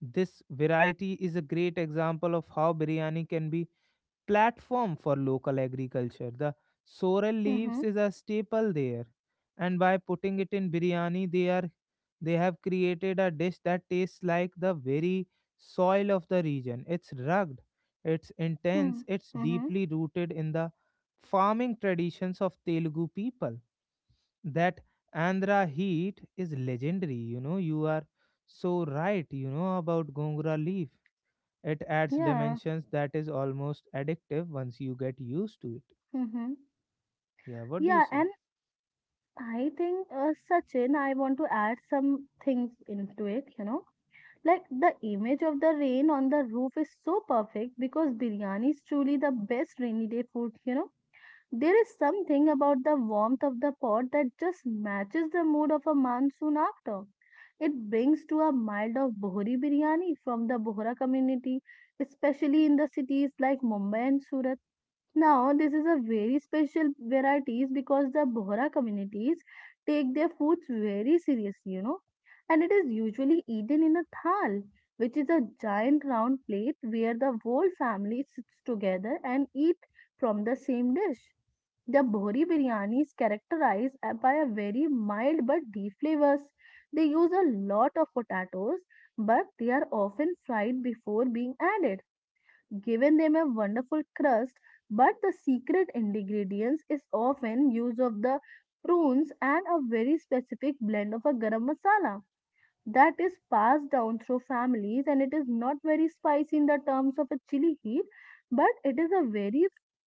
This variety is a great example of how biryani can be platform for local agriculture. The sorrel
Mm-hmm.
leaves is a staple there, and by putting it in biryani, they have created a dish that tastes like the very soil of the region. It's rugged, it's
Hmm.
intense, it's
Mm-hmm.
deeply rooted in the farming traditions of Telugu people. That Andhra heat is legendary. You know, you are so right. You know about gongura leaf. It adds
Yeah.
dimensions that is almost addictive once you get used to it.
Mm-hmm.
Yeah, what do you
Yeah,
say?
and I think, Sachin, I want to add some things into it, Like the image of the rain on the roof is so perfect because biryani is truly the best rainy day food, There is something about the warmth of the pot that just matches the mood of a monsoon after. It brings to a mild of Bohri biryani from the Bohra community, especially in the cities like Mumbai and Surat. Now, this is a very special varieties because the Bohra communities take their foods very seriously, and it is usually eaten in a thal, which is a giant round plate where the whole family sits together and eat from the same dish. The Bohri biryani is characterized by a very mild but deep flavors. They use a lot of potatoes, but they are often fried before being added, given them a wonderful crust, but the secret ingredients is often use of the prunes and a very specific blend of a garam masala that is passed down through families. And it is not very spicy in the terms of a chili heat, but it is a very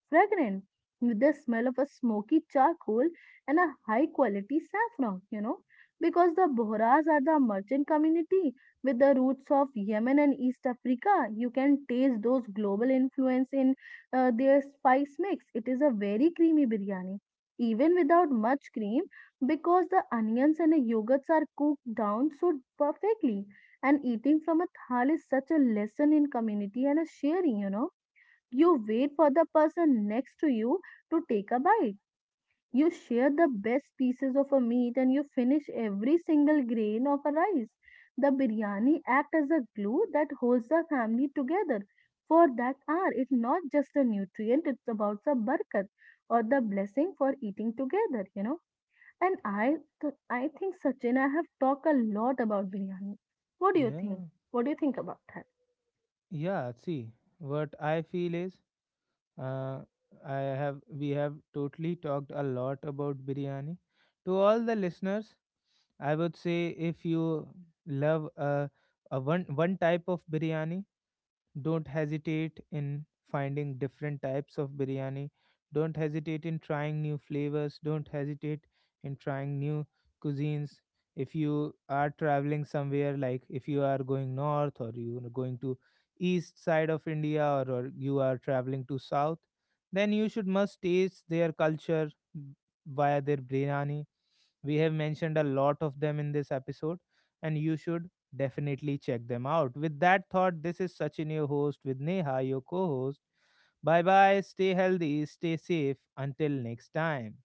fragrant, with the smell of a smoky charcoal and a high quality saffron. Because the Bohras are the merchant community with the roots of Yemen and East Africa, you can taste those global influence in their spice mix. It is a very creamy biryani, even without much cream, because the onions and the yogurts are cooked down so perfectly. And eating from a thal is such a lesson in community and a sharing. You wait for the person next to you to take a bite. You share the best pieces of a meat and you finish every single grain of a rice. The biryani act as a glue that holds the family together for that hour. It's not just a nutrient, it's about the barakat, or the blessing for eating together, and I think Sachin, I have talked a lot about biryani. What do you think?
Yeah,
What do you think about that?
yeah. See, what I feel is, uh, I have we have totally talked a lot about biryani. To all the listeners, I would say, if you love a one type of biryani, don't hesitate in finding different types of biryani. Don't hesitate in trying new flavors. Don't hesitate in trying new cuisines. If you are traveling somewhere, like if you are going north, or you are going to east side of India, or you are traveling to south, then you should must taste their culture via their biryani. We have mentioned a lot of them in this episode, and you should definitely check them out. With that thought, this is Sachin, your host, with Neha, your co host. Bye bye, stay healthy, stay safe. Until next time.